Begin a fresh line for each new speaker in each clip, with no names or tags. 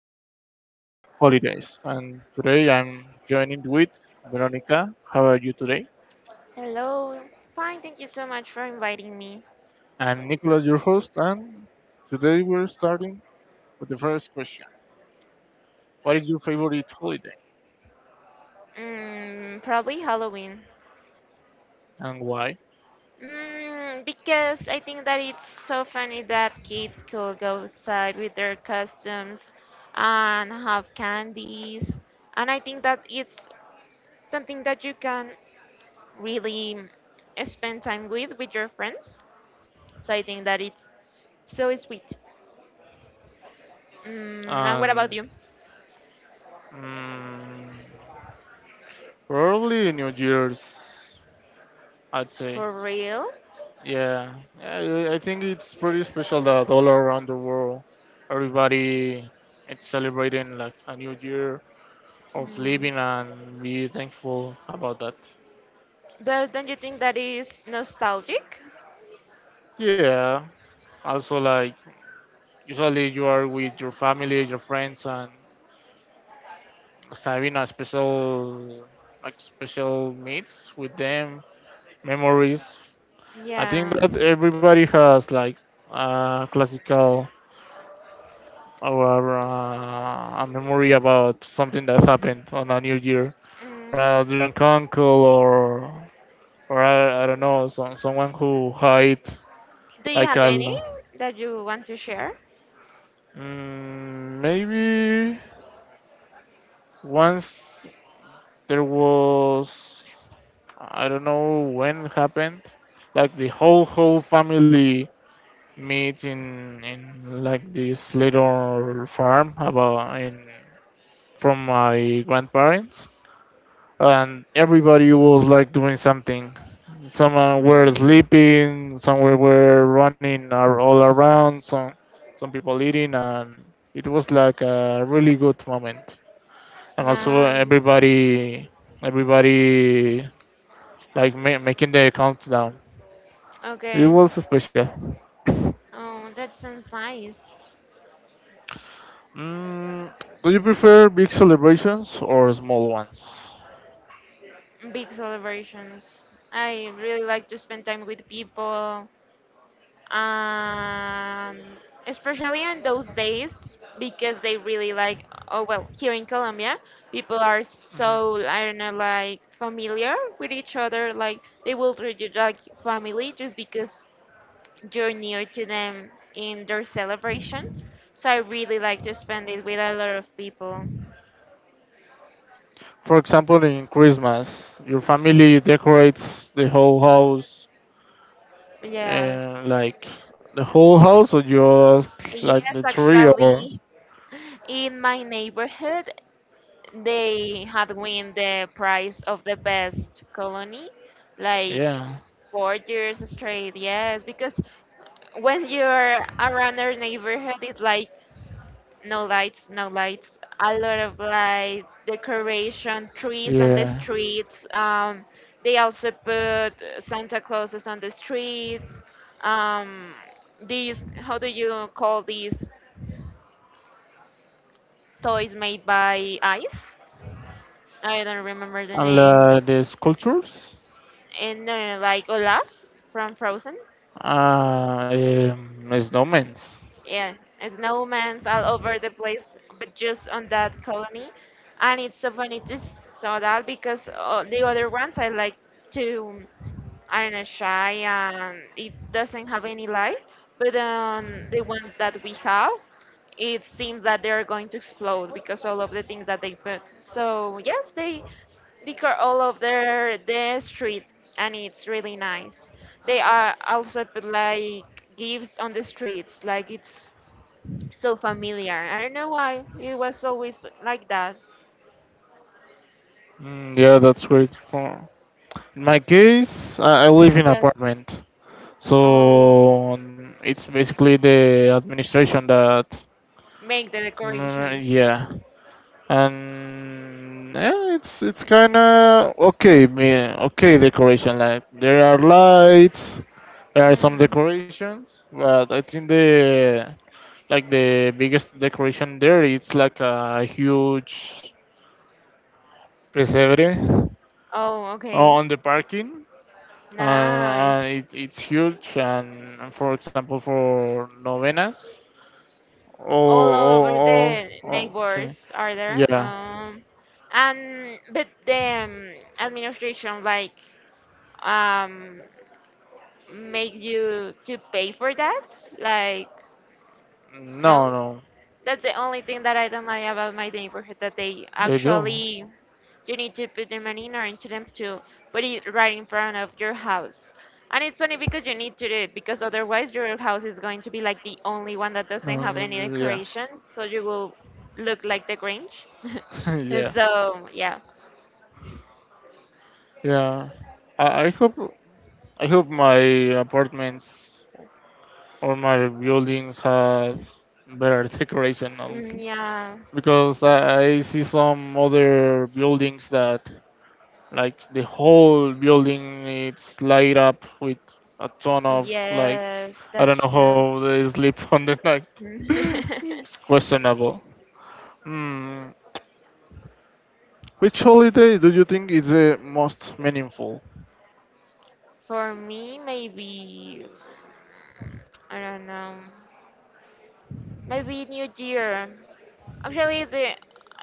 It's holidays. And today I'm joining with Veronica. How are you today?
Hello. Fine, thank you so much for inviting me.
And Nicholas, your host. And today we're starting with the first question. What is your favorite holiday
Probably Halloween.
and why?
Because I think that it's so funny that kids could go outside with their costumes and have candies. And I think that it's something that you can really spend time with your friends. So I think that it's so sweet. Mm, and what about
And
you?
mm, probably New Year's, I'd say.
For real?
Yeah, yeah, I think it's pretty special that all around the world, everybody is celebrating like a new year of
Mm.
living and be thankful about that.
But don't you think that is nostalgic?
Yeah, also like usually you are with your family, your friends, and having a special like special meets with them, memories. I think
Yeah.
that everybody has like a classical or a memory about something that happened on a new year. A
Mm.
drunk uncle, or or I don't know, someone who hides
Do you
like
have
a
any that you want to share?
maybe once there was I don't know when it happened, like the whole family meet in like this little farm about in from my grandparents, and everybody was like doing something. Some were
Mm.
sleeping, some were running all around, some people eating, and it was like a really good moment. And also
Nice.
everybody like making the countdown. It
Okay.
was special.
Oh, that sounds nice.
Mm, do you prefer big celebrations or small ones?
Big celebrations. I really like to spend time with people, um, especially on those days because they really like. Oh well, here in Colombia, people are so I don't know, like familiar with each other. Like they will treat you like family just because you're near to them in their celebration. So I really like to spend it with a lot of people.
For example, in Christmas, your family decorates the whole house.
Yes.
And like the whole house or just like
Yes,
the tree or
actually, in my neighborhood, they had win the prize of the best colony, like
yeah.
4 years straight. Yes, because when you're around our neighborhood, it's like no lights, no lights, a lot of lights, decoration, trees on the
Yeah.
streets. They also put Santa Clauses on the streets. Um, these, how do you call these toys made by ice? I don't remember the
And
name.
the sculptures?
And no, no, like Olaf from Frozen.
Ah, snowmans.
Yeah, snowmen's all over the place, but just on that colony. And it's so funny to saw that because the other ones I like to, I don't know, shy and it doesn't have any light. But on the ones that we have, it seems that they're going to explode because all of the things that they put. So yes, they decor all of the street and it's really nice. They are also put like gifts on the streets, like it's so familiar. I don't know why it was always like that.
Yeah, that's great. For in my case, I live in
Yes.
apartment,
Oh,
so it's basically the administration that.
make the decorations.
Yeah, and yeah, it's kind of okay. Okay, decoration like there are lights, there are some
Mm.
decorations, but I think the like the biggest decoration there it's like a huge pesebre.
Oh,
Oh,
okay.
on the parking.
Nice.
It's huge, and for example, for novenas.
All
Oh,
over
oh,
the
oh. Sí.
neighbors are there.
Yeah.
And but the administration like um make you to pay for that? Like no?
No, no.
That's the only thing that I don't like about my neighborhood that they
They do.
actually you need to put the money in or into them to put it right in front of your house. And it's funny because you need to do it because otherwise your house is going to be like the only one that doesn't have
No,
any
yeah.
decorations, so you will look like the Grinch.
Yeah.
So yeah,
Yeah. I hope I hope my apartments or my buildings has better decoration,
mm,
honestly.
yeah,
Because I see some other buildings that like the whole building it's light up with a ton of lights.
yes,
I
that's
don't know how
true.
they sleep on the night. It's questionable. Hmm. Which holiday do you think is the most meaningful?
For me, maybe I don't know. Maybe New Year. Actually, the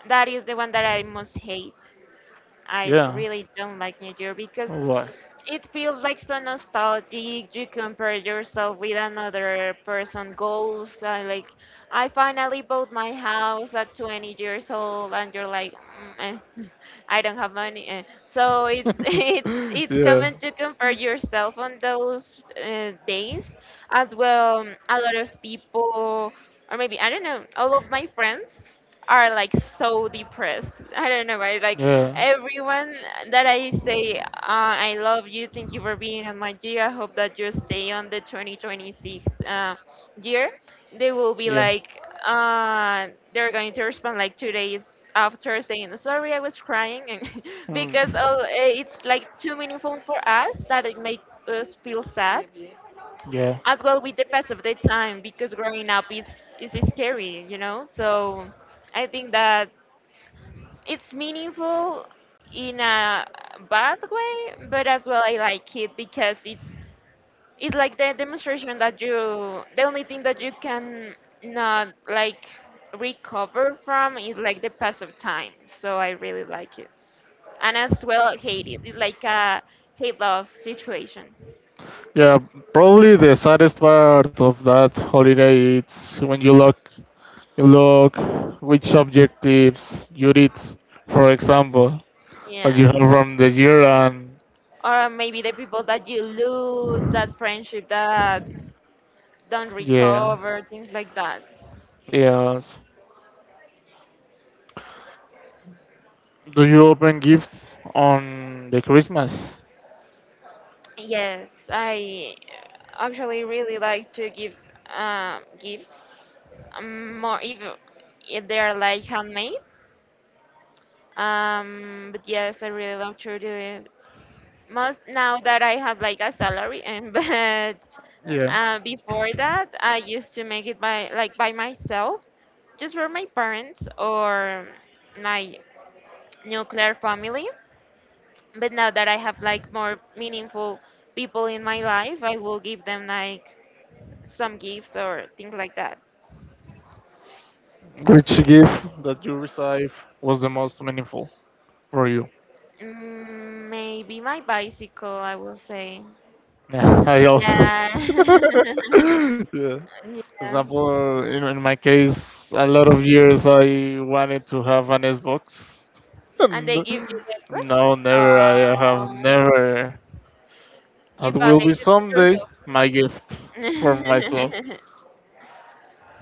that is the one that I most hate. I
Yeah.
really don't like New Year because
What?
it feels like so nostalgic. You compare yourself with another person' goals. I like, I finally bought my house at 20 years old, and you're like, mm, eh, I don't have money. Eh." So it's it's it's
Yeah.
common to compare yourself on those days as well. A lot of people, or maybe I don't know, all of my friends are like so depressed. I don't know why. Like everyone that I say, I love you, thank you for being on my year. I hope that you stay on the 2026 year. They will be like, they're going to respond like 2 days after saying, sorry, I was crying. And
Hmm.
because oh, eh, it's like too meaningful for us that it makes us feel sad.
Yeah.
As well with the pass of the time, because growing up is scary, you know? So I think that it's meaningful in a bad way, but as well I like it because it's like the demonstration that you the only thing that you can not like recover from is like the pass of time. So I really like it. And as well hate it. It's like a hate love situation.
Yeah, probably the saddest part of that holiday is when you look which objectives you did, for example, that
Yeah.
you have from the year and
Or maybe the people that you lose, that friendship that don't
yeah.
recover, things like that.
Yes. Do you open gifts on the Christmas?
Yes, I actually really like to give gifts, more if they are like handmade. But yes, I really love to do it. Most now that I have like a salary, and but
Yeah.
before that, I used to make it by myself, just for my parents or my nuclear family. But now that I have like more meaningful people in my life, I will give them like some gifts or things like that.
Which gift that you received was the most meaningful for you?
Mm, maybe my bicycle, I will say.
Yeah, I also.
Yeah.
Yeah. For
Yeah.
example, in my case, a lot of years I wanted to have an Xbox.
And
And
they give you the Xbox?
no, never. I have
Oh,
never.
you
That
bought
will be
it
someday
yourself.
my gift for myself.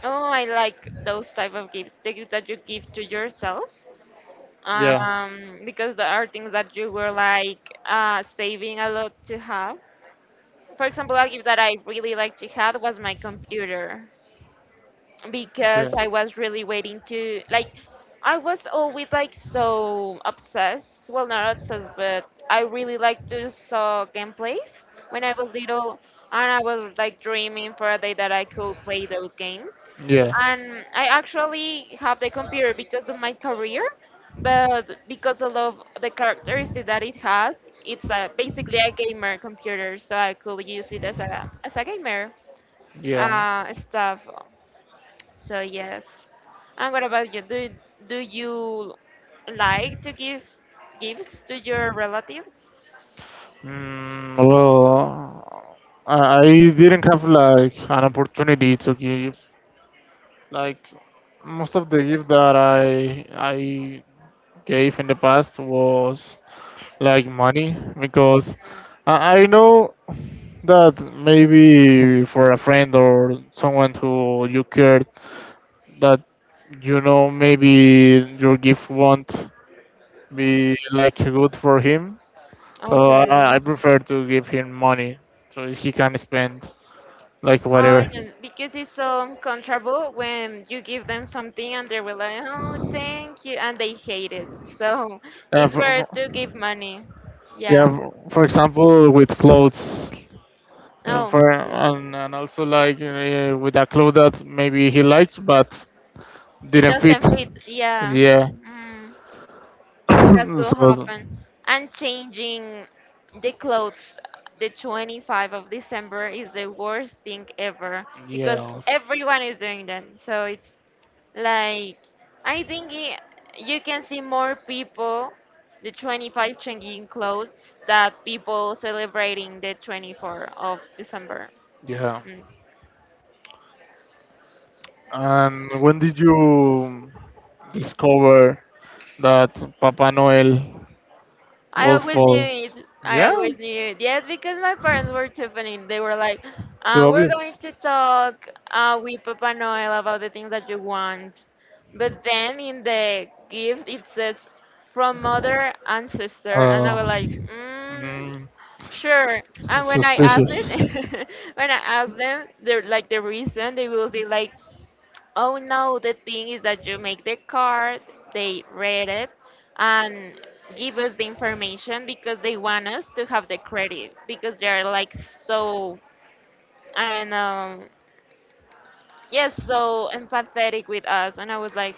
Oh, I like those type of gifts. The gifts that you give to yourself.
Yeah.
Because there are things that you were like saving a lot to have. For example, a gift that I really like to have was my computer.
Okay.
Because I was really waiting to like I was always like so obsessed. Well, not obsessed, but I really like to saw gameplays when I was little, and I was like dreaming for a day that I could play those games.
Yeah.
And I actually have the computer because of my career, but because of love- the characteristic that it has, it's a, basically a gamer computer, so I could use it as a gamer
Yeah.
stuff. So yes. And what about you? Do you like to give gifts to your relatives?
Well, I didn't have like an opportunity to give like most of the gift that I gave in the past was like money because
Mm.
I know that maybe for a friend or someone who you cared that you know maybe your gift won't be like good for him, so
Okay.
I prefer to give him money so he can spend like
Oh,
whatever
yeah, because it's so uncomfortable when you give them something and they were like, "Oh, thank you," and they hate it. So
uh,
it's
for,
better to give
for-
money.
yeah,
Yeah.
for example, with clothes,
Oh,
for
yes.
and also like with a clothes that maybe he likes but
It
didn't fit.
doesn't fit. Yeah.
Yeah.
Mm. That could
So
happen. And changing the clothes the 25 of December is the worst thing ever because
yeah,
everyone is doing that. So it's like I think I you can see more people the 25 changing clothes that people celebrating the 24 of December.
yeah.
Mm.
And when did you discover that Papa Noel
I
was
always knew it.
false?
I
Yeah,
always knew it. Yes, because my parents were Tiffany. They were like,
too
we're going
obvious.
to talk with Papa Noel about the things that you want. But then in the gift, it says from mother and sister. And I
Uh,
was like, mm,
mm,
sure. And when I asked
suspicious.
it, when I asked them, they're like the reason, they will say like, oh no, the thing is that you make the card, they read it, and give us the information because they want us to have the credit because they're like so, I don't know, yes, so empathetic with us. And I was like,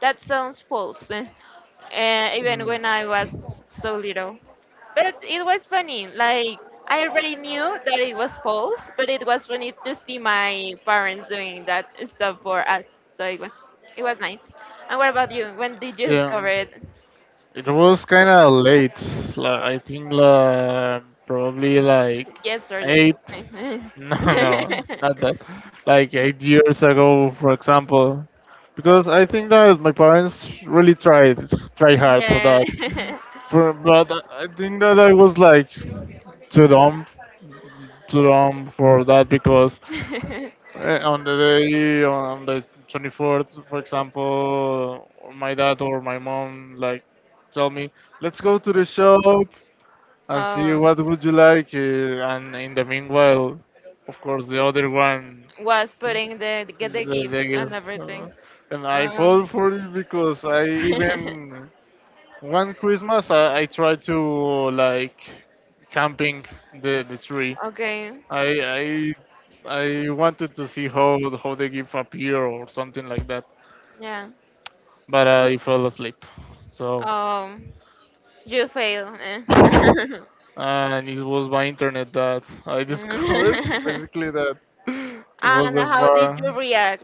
that sounds false, eh, even when I was so little. But it was funny. Like, I already knew that it was false, but it was funny to see my parents doing that stuff for us. So it was nice. And what about you? When did you
Yeah.
discover it?
It was kind of late. Like I think like probably like
Yesterday.
eight. No, no, not that. Like 8 years ago, for example, because I think that my parents really tried try hard for that.
Yeah.
For, but I think that I was like too dumb, too dumb for that because on the day on the 24th for example my dad or my mom like tell me let's go to the shop and see
um,
what would you like, and in the meanwhile of course the other one
was putting the get
is
the
the
gifts and
gift
everything.
and I
Um,
fall for it because I even one Christmas I tried to like camping the tree.
okay.
I I wanted to see how they give up here or something like that,
Yeah.
but I fell asleep. So
Um, you fail. Eh?
and it was my internet that I discovered
Mm.
basically that was
And
the
how did you
far.
react?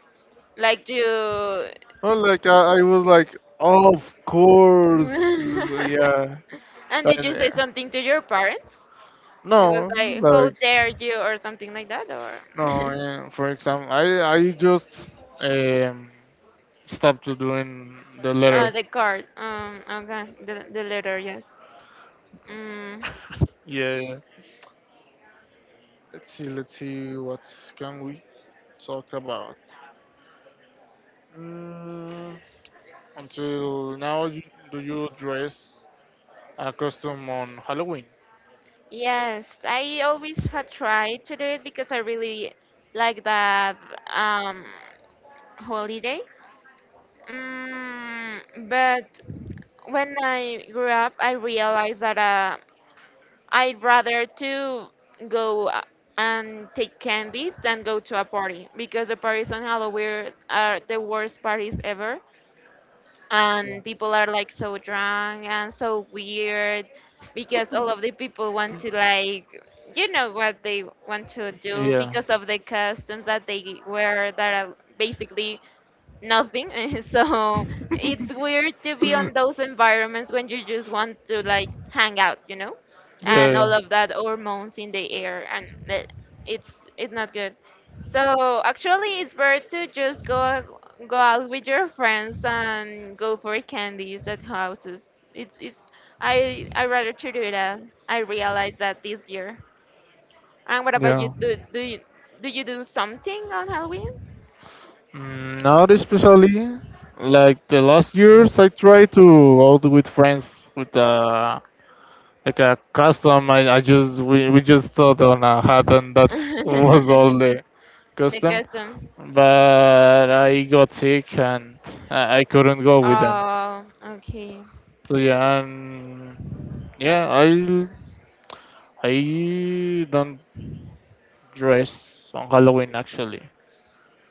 Like you.
Oh, like I was like, oh, of course, yeah.
And did
And,
you say something to your parents? It was
no,
like, how
like
dare you, or something like that, or
no. Yeah, for example, I just um stopped to doing the letter.
the card. Okay, the letter, yes. Mm,
Yeah, yeah. Let's see what can we talk about. Mm, until now, do you dress a costume on Halloween?
yes, I always had tried to do it because I really like that um, holiday. Mm, but when I grew up, I realized that I'd rather to go and take candies than go to a party because the parties on Halloween are the worst parties ever,
Yeah.
and people are like so drunk and so weird because all of the people want to like you know what they want to do
Yeah.
because of the costumes that they wear that are basically nothing. So it's weird to be on those environments when you just want to like hang out, you know, and all
Yeah.
of that hormones in the air, and bleh, it's not good. So actually, it's better to just go go out with your friends and go for candies at houses. It's I rather to do that. I realized that this year. And what about you?
Yeah.
Do
Yeah.
do you do you do something on Halloween?
Not especially. Like the last years, I tried to out with friends with like a custom. We just thought on a hat and that was all the
The
custom.
custom.
But I got sick and I couldn't go with them.
Okay.
So yeah, and yeah, I don't dress on Halloween actually.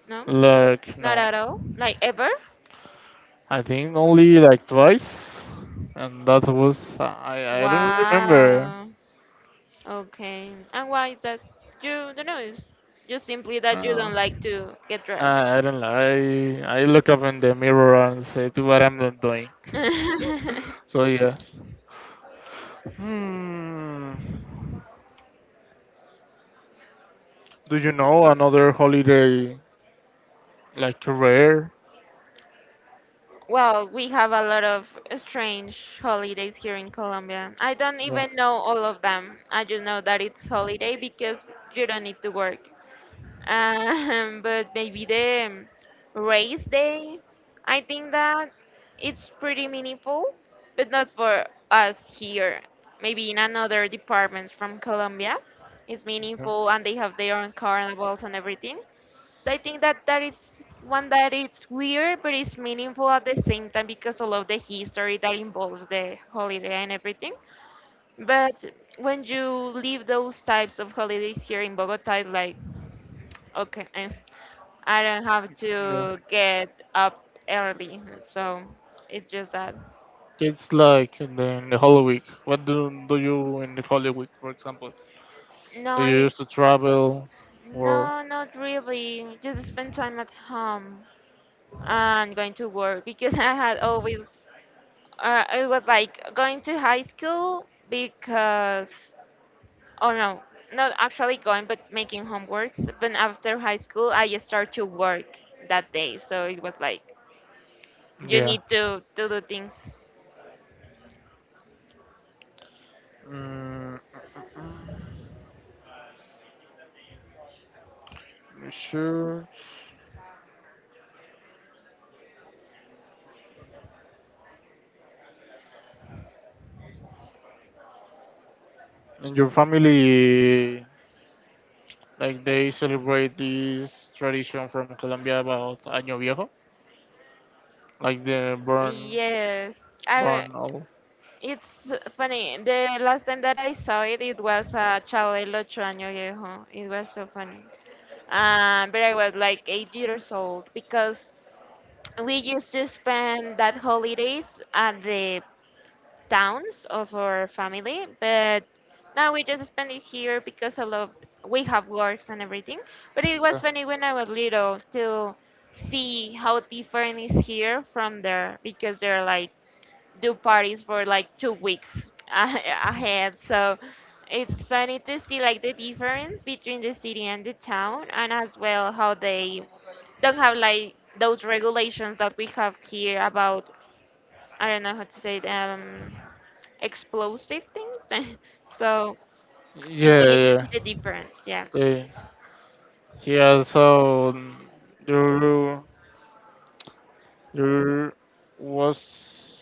No,
Like
not
no.
at all. Like ever?
I think only like twice, and that was I don't remember.
Wow. Okay. And why is that? You don't know. It's just simply that you
Uh,
don't like to get dressed.
I don't know. I look up in the mirror and say to what I'm not doing. So yes. Hmm. Do you know another holiday like rare?
Well, we have a lot of strange holidays here in Colombia. I don't even know all of them. I just know that it's holiday because you don't need to work. But maybe the race day, I think that it's pretty meaningful, but not for us here. Maybe in another departments from Colombia, it's
Yeah. Yeah.
meaningful and they have their own carnivals and everything. So I think that that is one that it's weird, but it's meaningful at the same time because all of the history that involves the holiday and everything. But when you leave those types of holidays here in Bogota, it's like okay. I don't have
Yeah.
to get up early, so it's just that.
It's like in the Holy Week. What do do you in the Holy Week, for example?
No,
Do you
I,
used to travel or
no, not really. Just spend time at home and going to work because I had always, it was like going to high school because, oh no, not actually going, but making homeworks. But after high school, I just start to work that day, so it was like you
yeah?
need to do things.
Mm, sure. And your family, like they celebrate this tradition from Colombia about Año Viejo, like the burn,
Yes, I.
burn all.
It's funny. The last time that I saw it, it was a Chavo del Ocho Año Viejo. It was so funny. But I was like 8 years old because we used to spend that holidays at the towns of our family, but now we just spend it here because we have works and everything. But it was funny when I was little to see how different is here from there because they're like do parties for like 2 weeks ahead. So it's funny to see like the difference between the city and the town, and as well how they don't have like those regulations that we have here about I don't know how to say it, explosive things. So it's
Yeah,
funny to see
yeah.
the difference. Yeah,
They, he also do. There was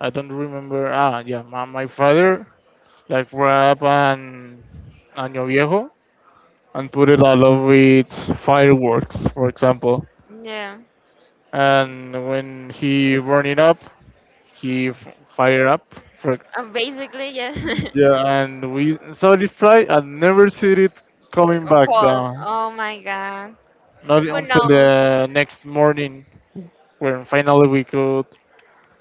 I don't remember. Ah, yeah, my father like wrap an año viejo and put it all over with fireworks, for example.
yeah.
And when he burn it up, he f- fire up. For, ex-
Basically, yeah.
yeah, and we saw this fly and never see it coming back
Paul.
down.
Oh my God.
Not
Who
until
knows?
the next morning when finally we could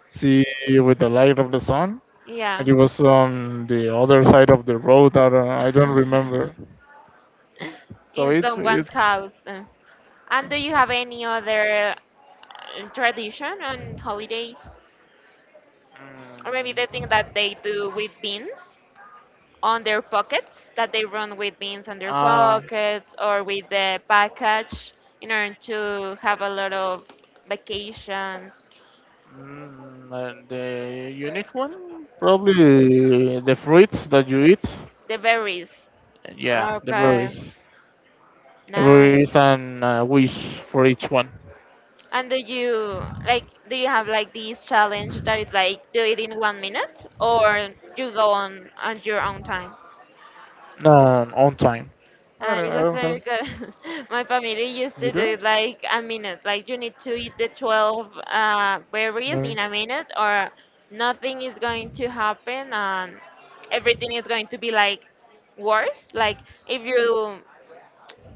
see with the light of the sun.
Yeah.
It was on the other side of the road. I don't remember. So
In
it it.
someone's house. And do you have any other tradition on holidays? Or maybe the thing
Mm,
that they do with beans on their pockets, that they run with beans on their
uh,
pockets or with the package in order to have a lot of vacations,
the unique one probably the fruit that you eat.
the berries.
Yeah, the
Okay,
berries. The
nice.
berries and wish for each one.
And do you like do you have like this challenge that is like do it in one minute or you go on your own time?
No, on time. I
It
don't. I
was
don't
very
have.
good. My family used
You
to do
do?
it like a minute. Like you need to eat the 12 berries in
Berries.
a minute or nothing is going to happen and everything is going to be like worse. Like if you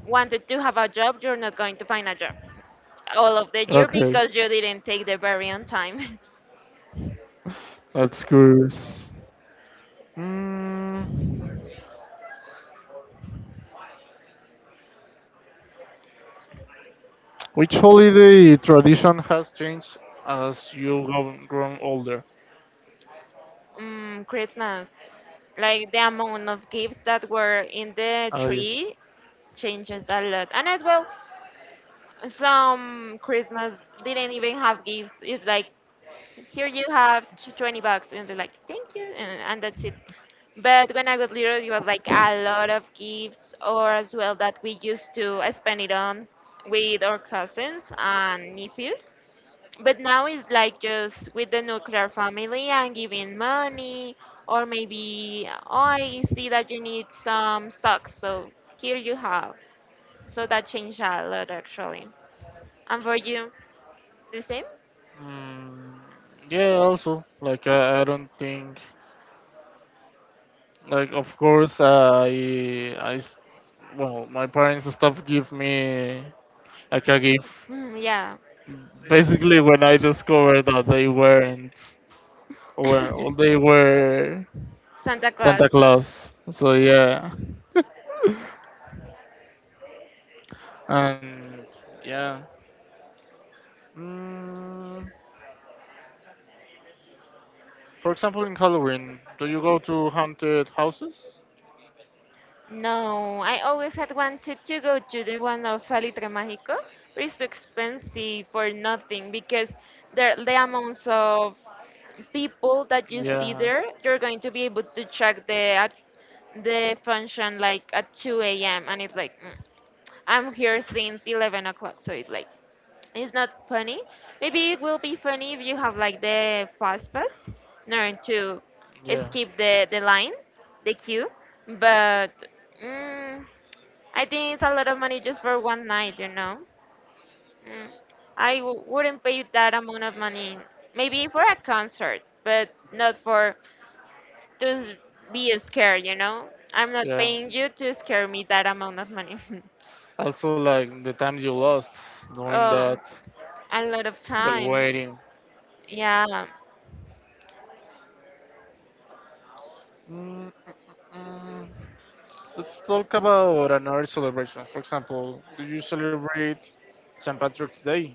wanted to have a job, you're not going to find a job all of the year
Okay,
because you didn't take the berry on time.
that's curious. Mm, which holiday tradition has changed as you grown older?
Mm, Christmas. Like the amount of gifts that were in the
Ah, yes.
tree changes a lot. And as well, some Christmas didn't even have gifts. It's like, here you have 20 bucks. And they're like, thank you. And that's it. But when I was little, it was like a lot of gifts, or as well that we used to spend it on with our cousins and nephews. But now it's like just with the nuclear family and giving money, or maybe, oh, I see that you need some socks, so here you have. So that changed a lot actually. And for you, the same?
Mm, yeah, also, like I don't think, like of course well, my parents and stuff give me like a gift.
Mm, yeah.
Basically, when I discovered that they weren't, well, they were
Santa Claus.
Santa Claus. So yeah, and yeah. Mm, for example, in Halloween, do you go to haunted houses?
No, I always had wanted to go to the one of Salitre Mágico, but it's too expensive for nothing because the amounts of people that you see
Yeah,
there, you're going to be able to check the at- the function like at 2 a.m. and it's like mm, I'm here since 11 o'clock, so it's like it's not funny. Maybe it will be funny if you have like the fast pass, in to
yeah,
skip the line, the queue, but mm, I think it's a lot of money just for one night, you know. Mm. I wouldn't pay that amount of money. Maybe for a concert, but not for to be scared, you know? I'm not
yeah.
paying you to scare me that amount of money.
Also, like the time you lost doing that,
Um, a lot of
the
time.
waiting.
Yeah,
Mm, mm, let's talk about another celebration. For example, do you celebrate St. Patrick's Day?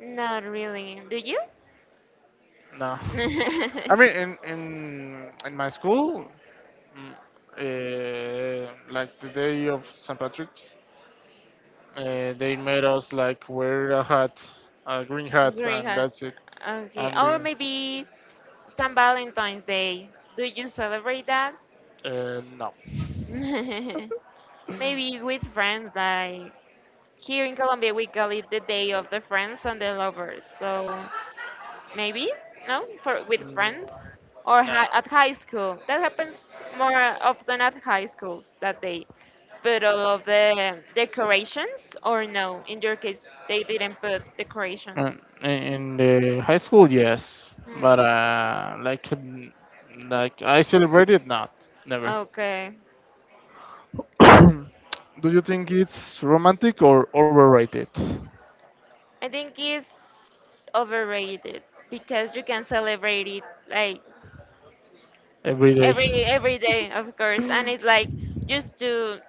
not really. Do you?
No, I mean in my school, mm, like the day of St. Patrick's, they made us like wear a hat, a green hat, and
Greenhouse.
that's it.
Okay. Or
And
maybe San Valentine's Day. Do you celebrate that?
no,
Maybe with friends, like here in Colombia, we call it the Day of the Friends and the Lovers. So maybe no for with
Mm,
friends or
no.
hi, at high school that happens more often at high schools that they put all of the decorations or no in your case they didn't put
Uh,
decorations.
in the high school, yes, but
Hmm.
like like I celebrated not, never.
Okay,
Do you think it's romantic or overrated?
I think it's overrated because you can celebrate it like
Every day.
every day of course and it's like just to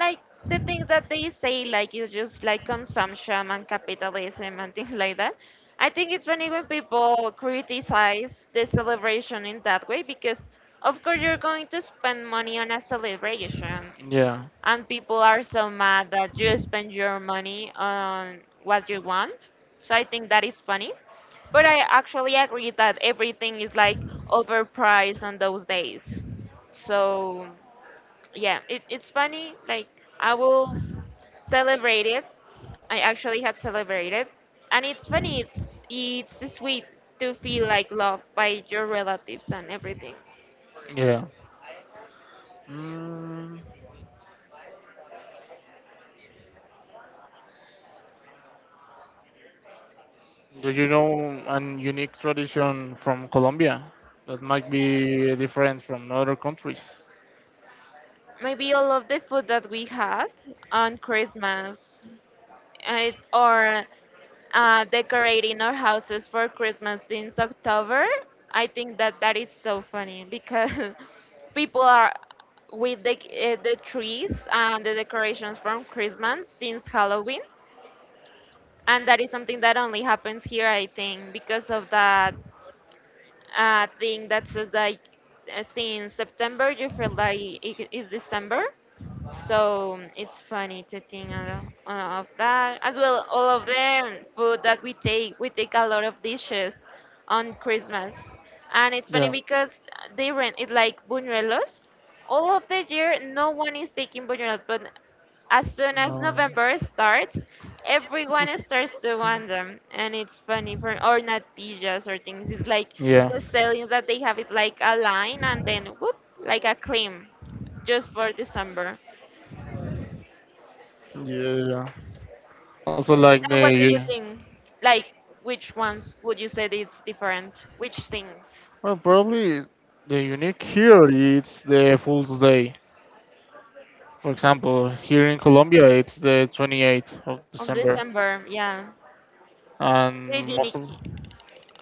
like the things that they say like it's just like consumption and capitalism and things like that. I think it's funny when people criticize the celebration in that way because of course you're going to spend money on a celebration,
Yeah,
and people are so mad that you spend your money on what you want. So I think that is funny. But I actually agree that everything is like overpriced on those days. So yeah, it's funny. Like I will celebrate it. I actually had celebrated, and it's funny. It's sweet to feel like loved by your relatives and everything.
yeah. Mm, do you know an unique tradition from Colombia that might be different from other countries?
Maybe all of the food that we had on Christmas I, or decorating our houses for Christmas since October. I think that is so funny because people are with the trees and the decorations from Christmas since Halloween, and that is something that only happens here, I think, because of that thing that says like since September you feel like it is December, so it's funny to think of that. As well, all of them food that we take a lot of dishes on Christmas. And it's funny
Yeah.
because they rent it's like buñuelos. All of the year, no one is taking buñuelos, but as soon as
No.
November starts, everyone starts to want them. And it's funny for, or natillas or things. It's like
Yeah.
the sellings that they have, it's like a line and
Yeah.
then whoop, like a claim, just for December.
Yeah. Also,
And what do you think? Like, which ones would you say that it's different? Which things
well, probably the unique here it's the Fool's Day. For example, here in Colombia, it's the 28th of
of
December,
December? Yeah,
and
pretty
most of
unique.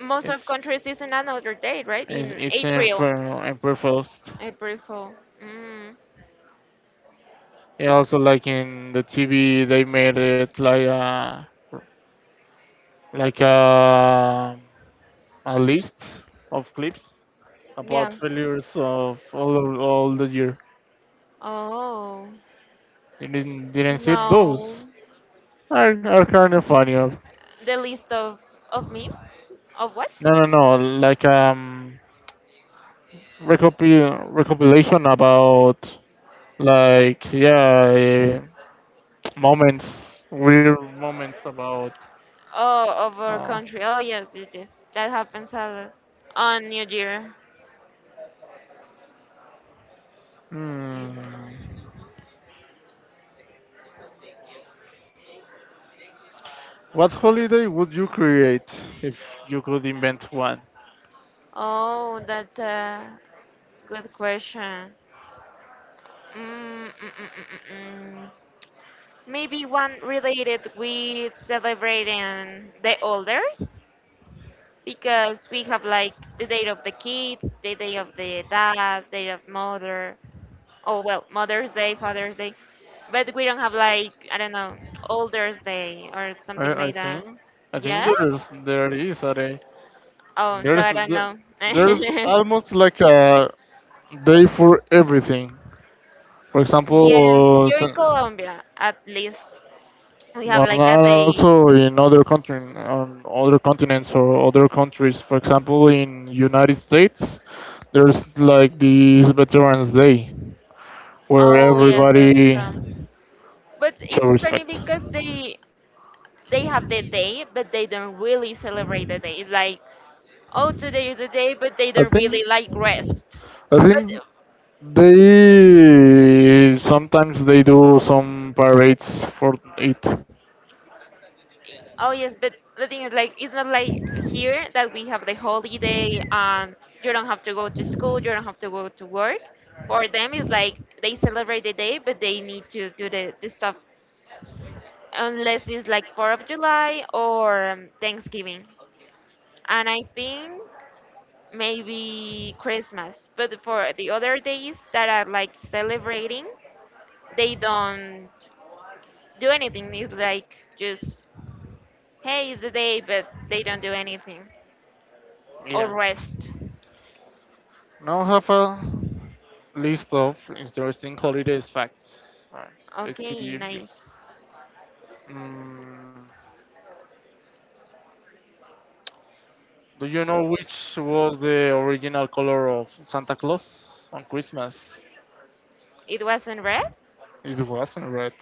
Most of
it's
countries is in another date, right?
it's
In
it's in
April,
for in Belfast.
April Fool. Mm,
Yeah, also like in the TV, they made it like like a a list of clips about
yeah.
failures of all the year.
Oh
You didn't see
no,
those. Are kind of funny.
the list of memes of what?
No, no, no. Like recopilation about like yeah, moments, weird moments about.
Oh, of our
Uh,
country. Oh yes, it is. That happens a lot on New Year.
hmm. What holiday would you create if you could invent one?
Oh, that's a good question. Mm, mm, mm, mm, mm, mm. Maybe one related with celebrating the elders because we have like the day of the kids, the day of the dad, day of mother, oh well, Mother's Day, Father's Day, but we don't have like I don't know, Older's Day or something
I, I
like
think
that.
I think
Yeah?
there's
Oh, so I
there's
don't know.
there's almost like a day for everything. For example,
Yes, here in Colombia, at least we have
no, no,
like a
and
day.
also in other country, on other continents or other countries. For example, in United States, there's like this Veterans Day where
Oh yes, that's
everybody
true. But
show
it's funny
respect.
because they have the
I
day, but they don't really celebrate the day. It's like, oh, today is the day, but they don't really
think
like rest.
I
But
think they sometimes they do some parades for it.
oh yes, but the thing is like it's not like here that we have the holiday. You don't have to go to school. You don't have to go to work. For them, it's like they celebrate the day, but they need to do the stuff unless it's like Fourth of July or Thanksgiving. And I think maybe Christmas. But for the other days that are like celebrating, they don't do anything. It's like just, hey, it's a day, but they don't do anything or rest.
Now have a list of interesting holidays facts. Right. Let's see
Okay,
if you.
nice.
Mm, do you know which was the original color of Santa Claus on Christmas?
It wasn't red.
It wasn't red.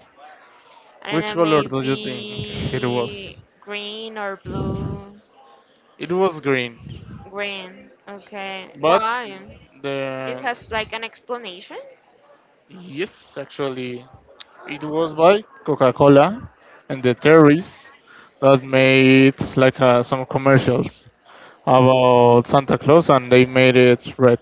I
Which
don't know,
color do you think it was?
maybe green or blue.
It was green.
Green. Okay.
But
Why? It
the
has like an explanation.
yes, actually, it was by Coca-Cola and the terrorists that made like some commercials about Santa Claus, and they made it red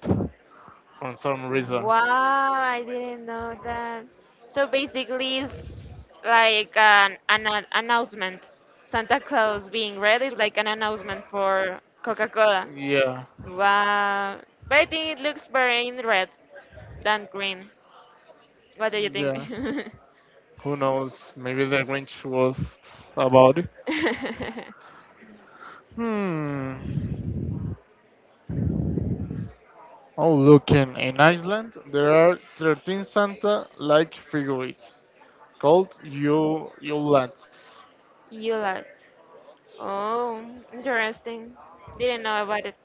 for some reason.
Wow, I didn't know that. So basically, it's like announcement. Santa Claus being red is like an announcement for Coca-Cola.
Yeah,
Wow. But I think it looks better in red than green. What do you think?
yeah. Who knows? Maybe the Grinch was about it. Hmm. Oh, looking in Iceland, there are 13 Santa-like figurines called Yule Yulelands.
Yuletide. Oh, interesting. Didn't know about it.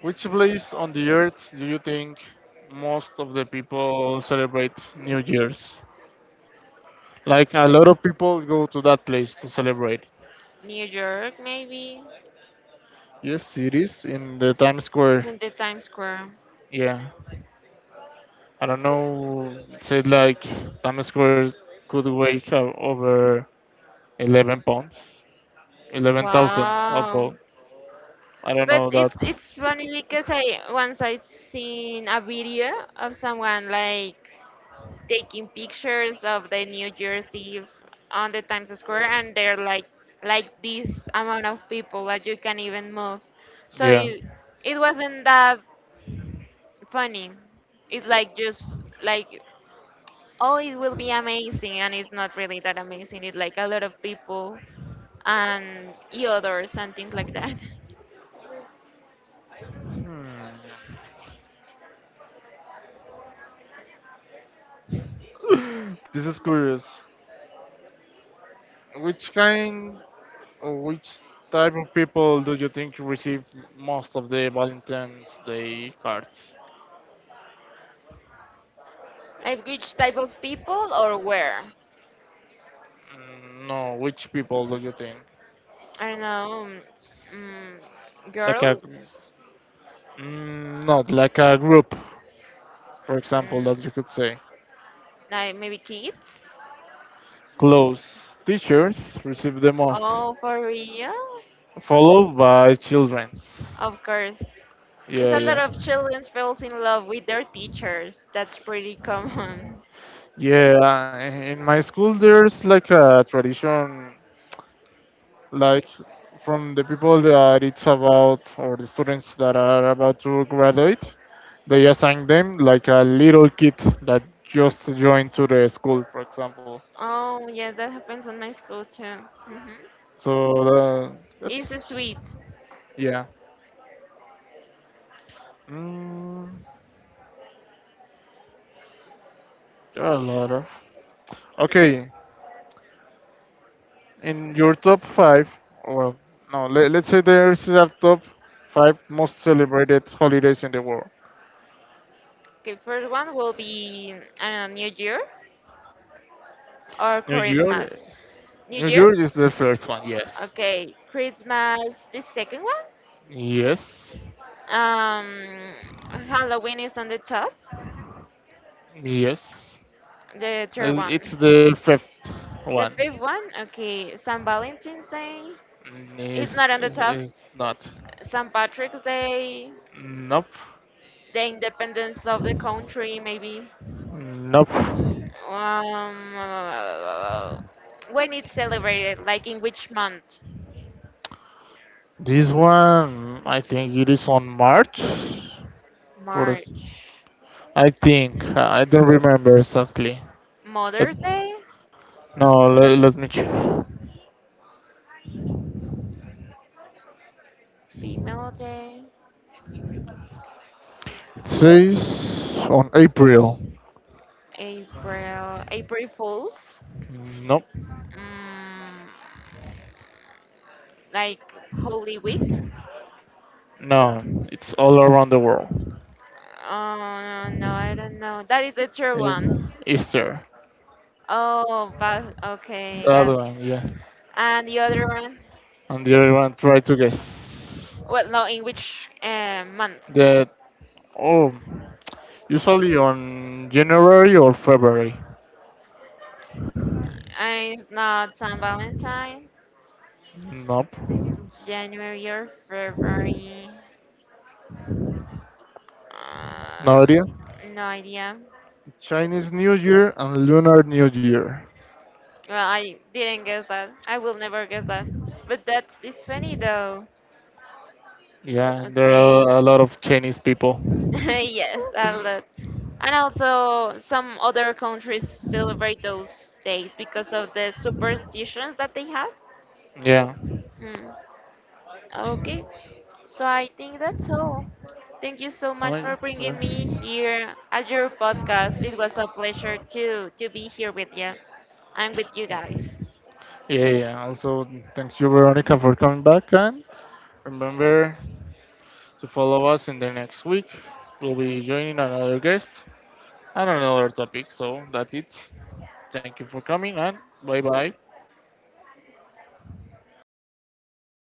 Which place on the earth do you think most of the people celebrate New Year's? Like a lot of people go to that place to celebrate.
New York, maybe?
Yes, it is in the Times Square.
And the Times Square.
Yeah, I don't know. It said like Times Square could weigh over 11 pounds, 11,000 a
Wow.
pound. I don't
But
know that.
it's funny because I once I seen a video of someone like taking pictures of the New Year's Eve on the Times Square, and they're like this amount of people that you can even move. So
Yeah.
it wasn't that funny. It's like just like oh, it will be amazing, and it's not really that amazing. It's like a lot of people and e others and things like that.
Hmm. This is curious. Which kind or which type of people do you think receive most of the Valentine's Day cards?
Like which type of people or where?
No, which people do you think?
I don't know, mm,
Like a,
girls,
not like a group for example,
mm,
that you could say.
like maybe kids.
Close teachers receive the most,
Oh, for real?
followed by children's.
Of course. Yes,
Yeah,
a lot
yeah.
of children falls in love with their teachers. That's pretty common.
Yeah, in my school there's like a tradition, like from the people that it's about, or the students that are about to graduate, they assign them like a little kid that just joined to the school, for example.
Oh, yes, that happens on my school too. Hmm.
So
It's
that's,
sweet.
yeah. Mm, there are a lot of. Okay, in your top five, well, no, let, let's say there's a top five most celebrated holidays in the world.
Okay, first one will be I don't know, New Year or
New Year,
Christmas. New
New
Year?
Year is the first one. Yes,
Okay, Christmas, the second one.
yes,
Um, Halloween is on the top.
yes.
The third one.
It's the fifth
The
one.
fifth one, okay, San Valentine's Day. It's not on the top.
It's not.
St. Patrick's Day,
Nope,
the independence of the country, maybe.
nope.
Um, when it's celebrated, like in which month?
This one, I think it is on March. For the,
March.
I think I don't remember exactly. But
Mother's Day,
no, let me check.
Female Day,
Says on April.
April, April Fools.
Nope.
Mm, like Holy Week.
No, it's all around the world.
Oh no, I don't know. That is the third one.
In, Easter.
Oh, but
The
okay, got
Other
it.
one, yeah.
And the other one?
And the other one, try to guess.
Well, no, in which month?
That, oh, usually on January or February.
It's not San Valentine,
Nope.
January or February.
No idea.
Uh, no idea.
Chinese New Year and Lunar New Year.
Well, I didn't guess that. I will never guess that. But that's it's funny though.
Yeah, there
Okay.
are a lot of Chinese people.
Yes, a lot. And also, some other countries celebrate those days because of the superstitions that they have.
Yeah.
Hmm. Okay. So I think that's all. Thank you so much
Right?
for bringing me
Yeah.
here at your podcast. It was a pleasure to be here with you and with you guys.
Yeah, yeah. Also, thank you, Veronica, for coming back. And remember, to follow us in the next week. We'll be joining another guest and another topic. So that's it. Thank you for coming and bye bye.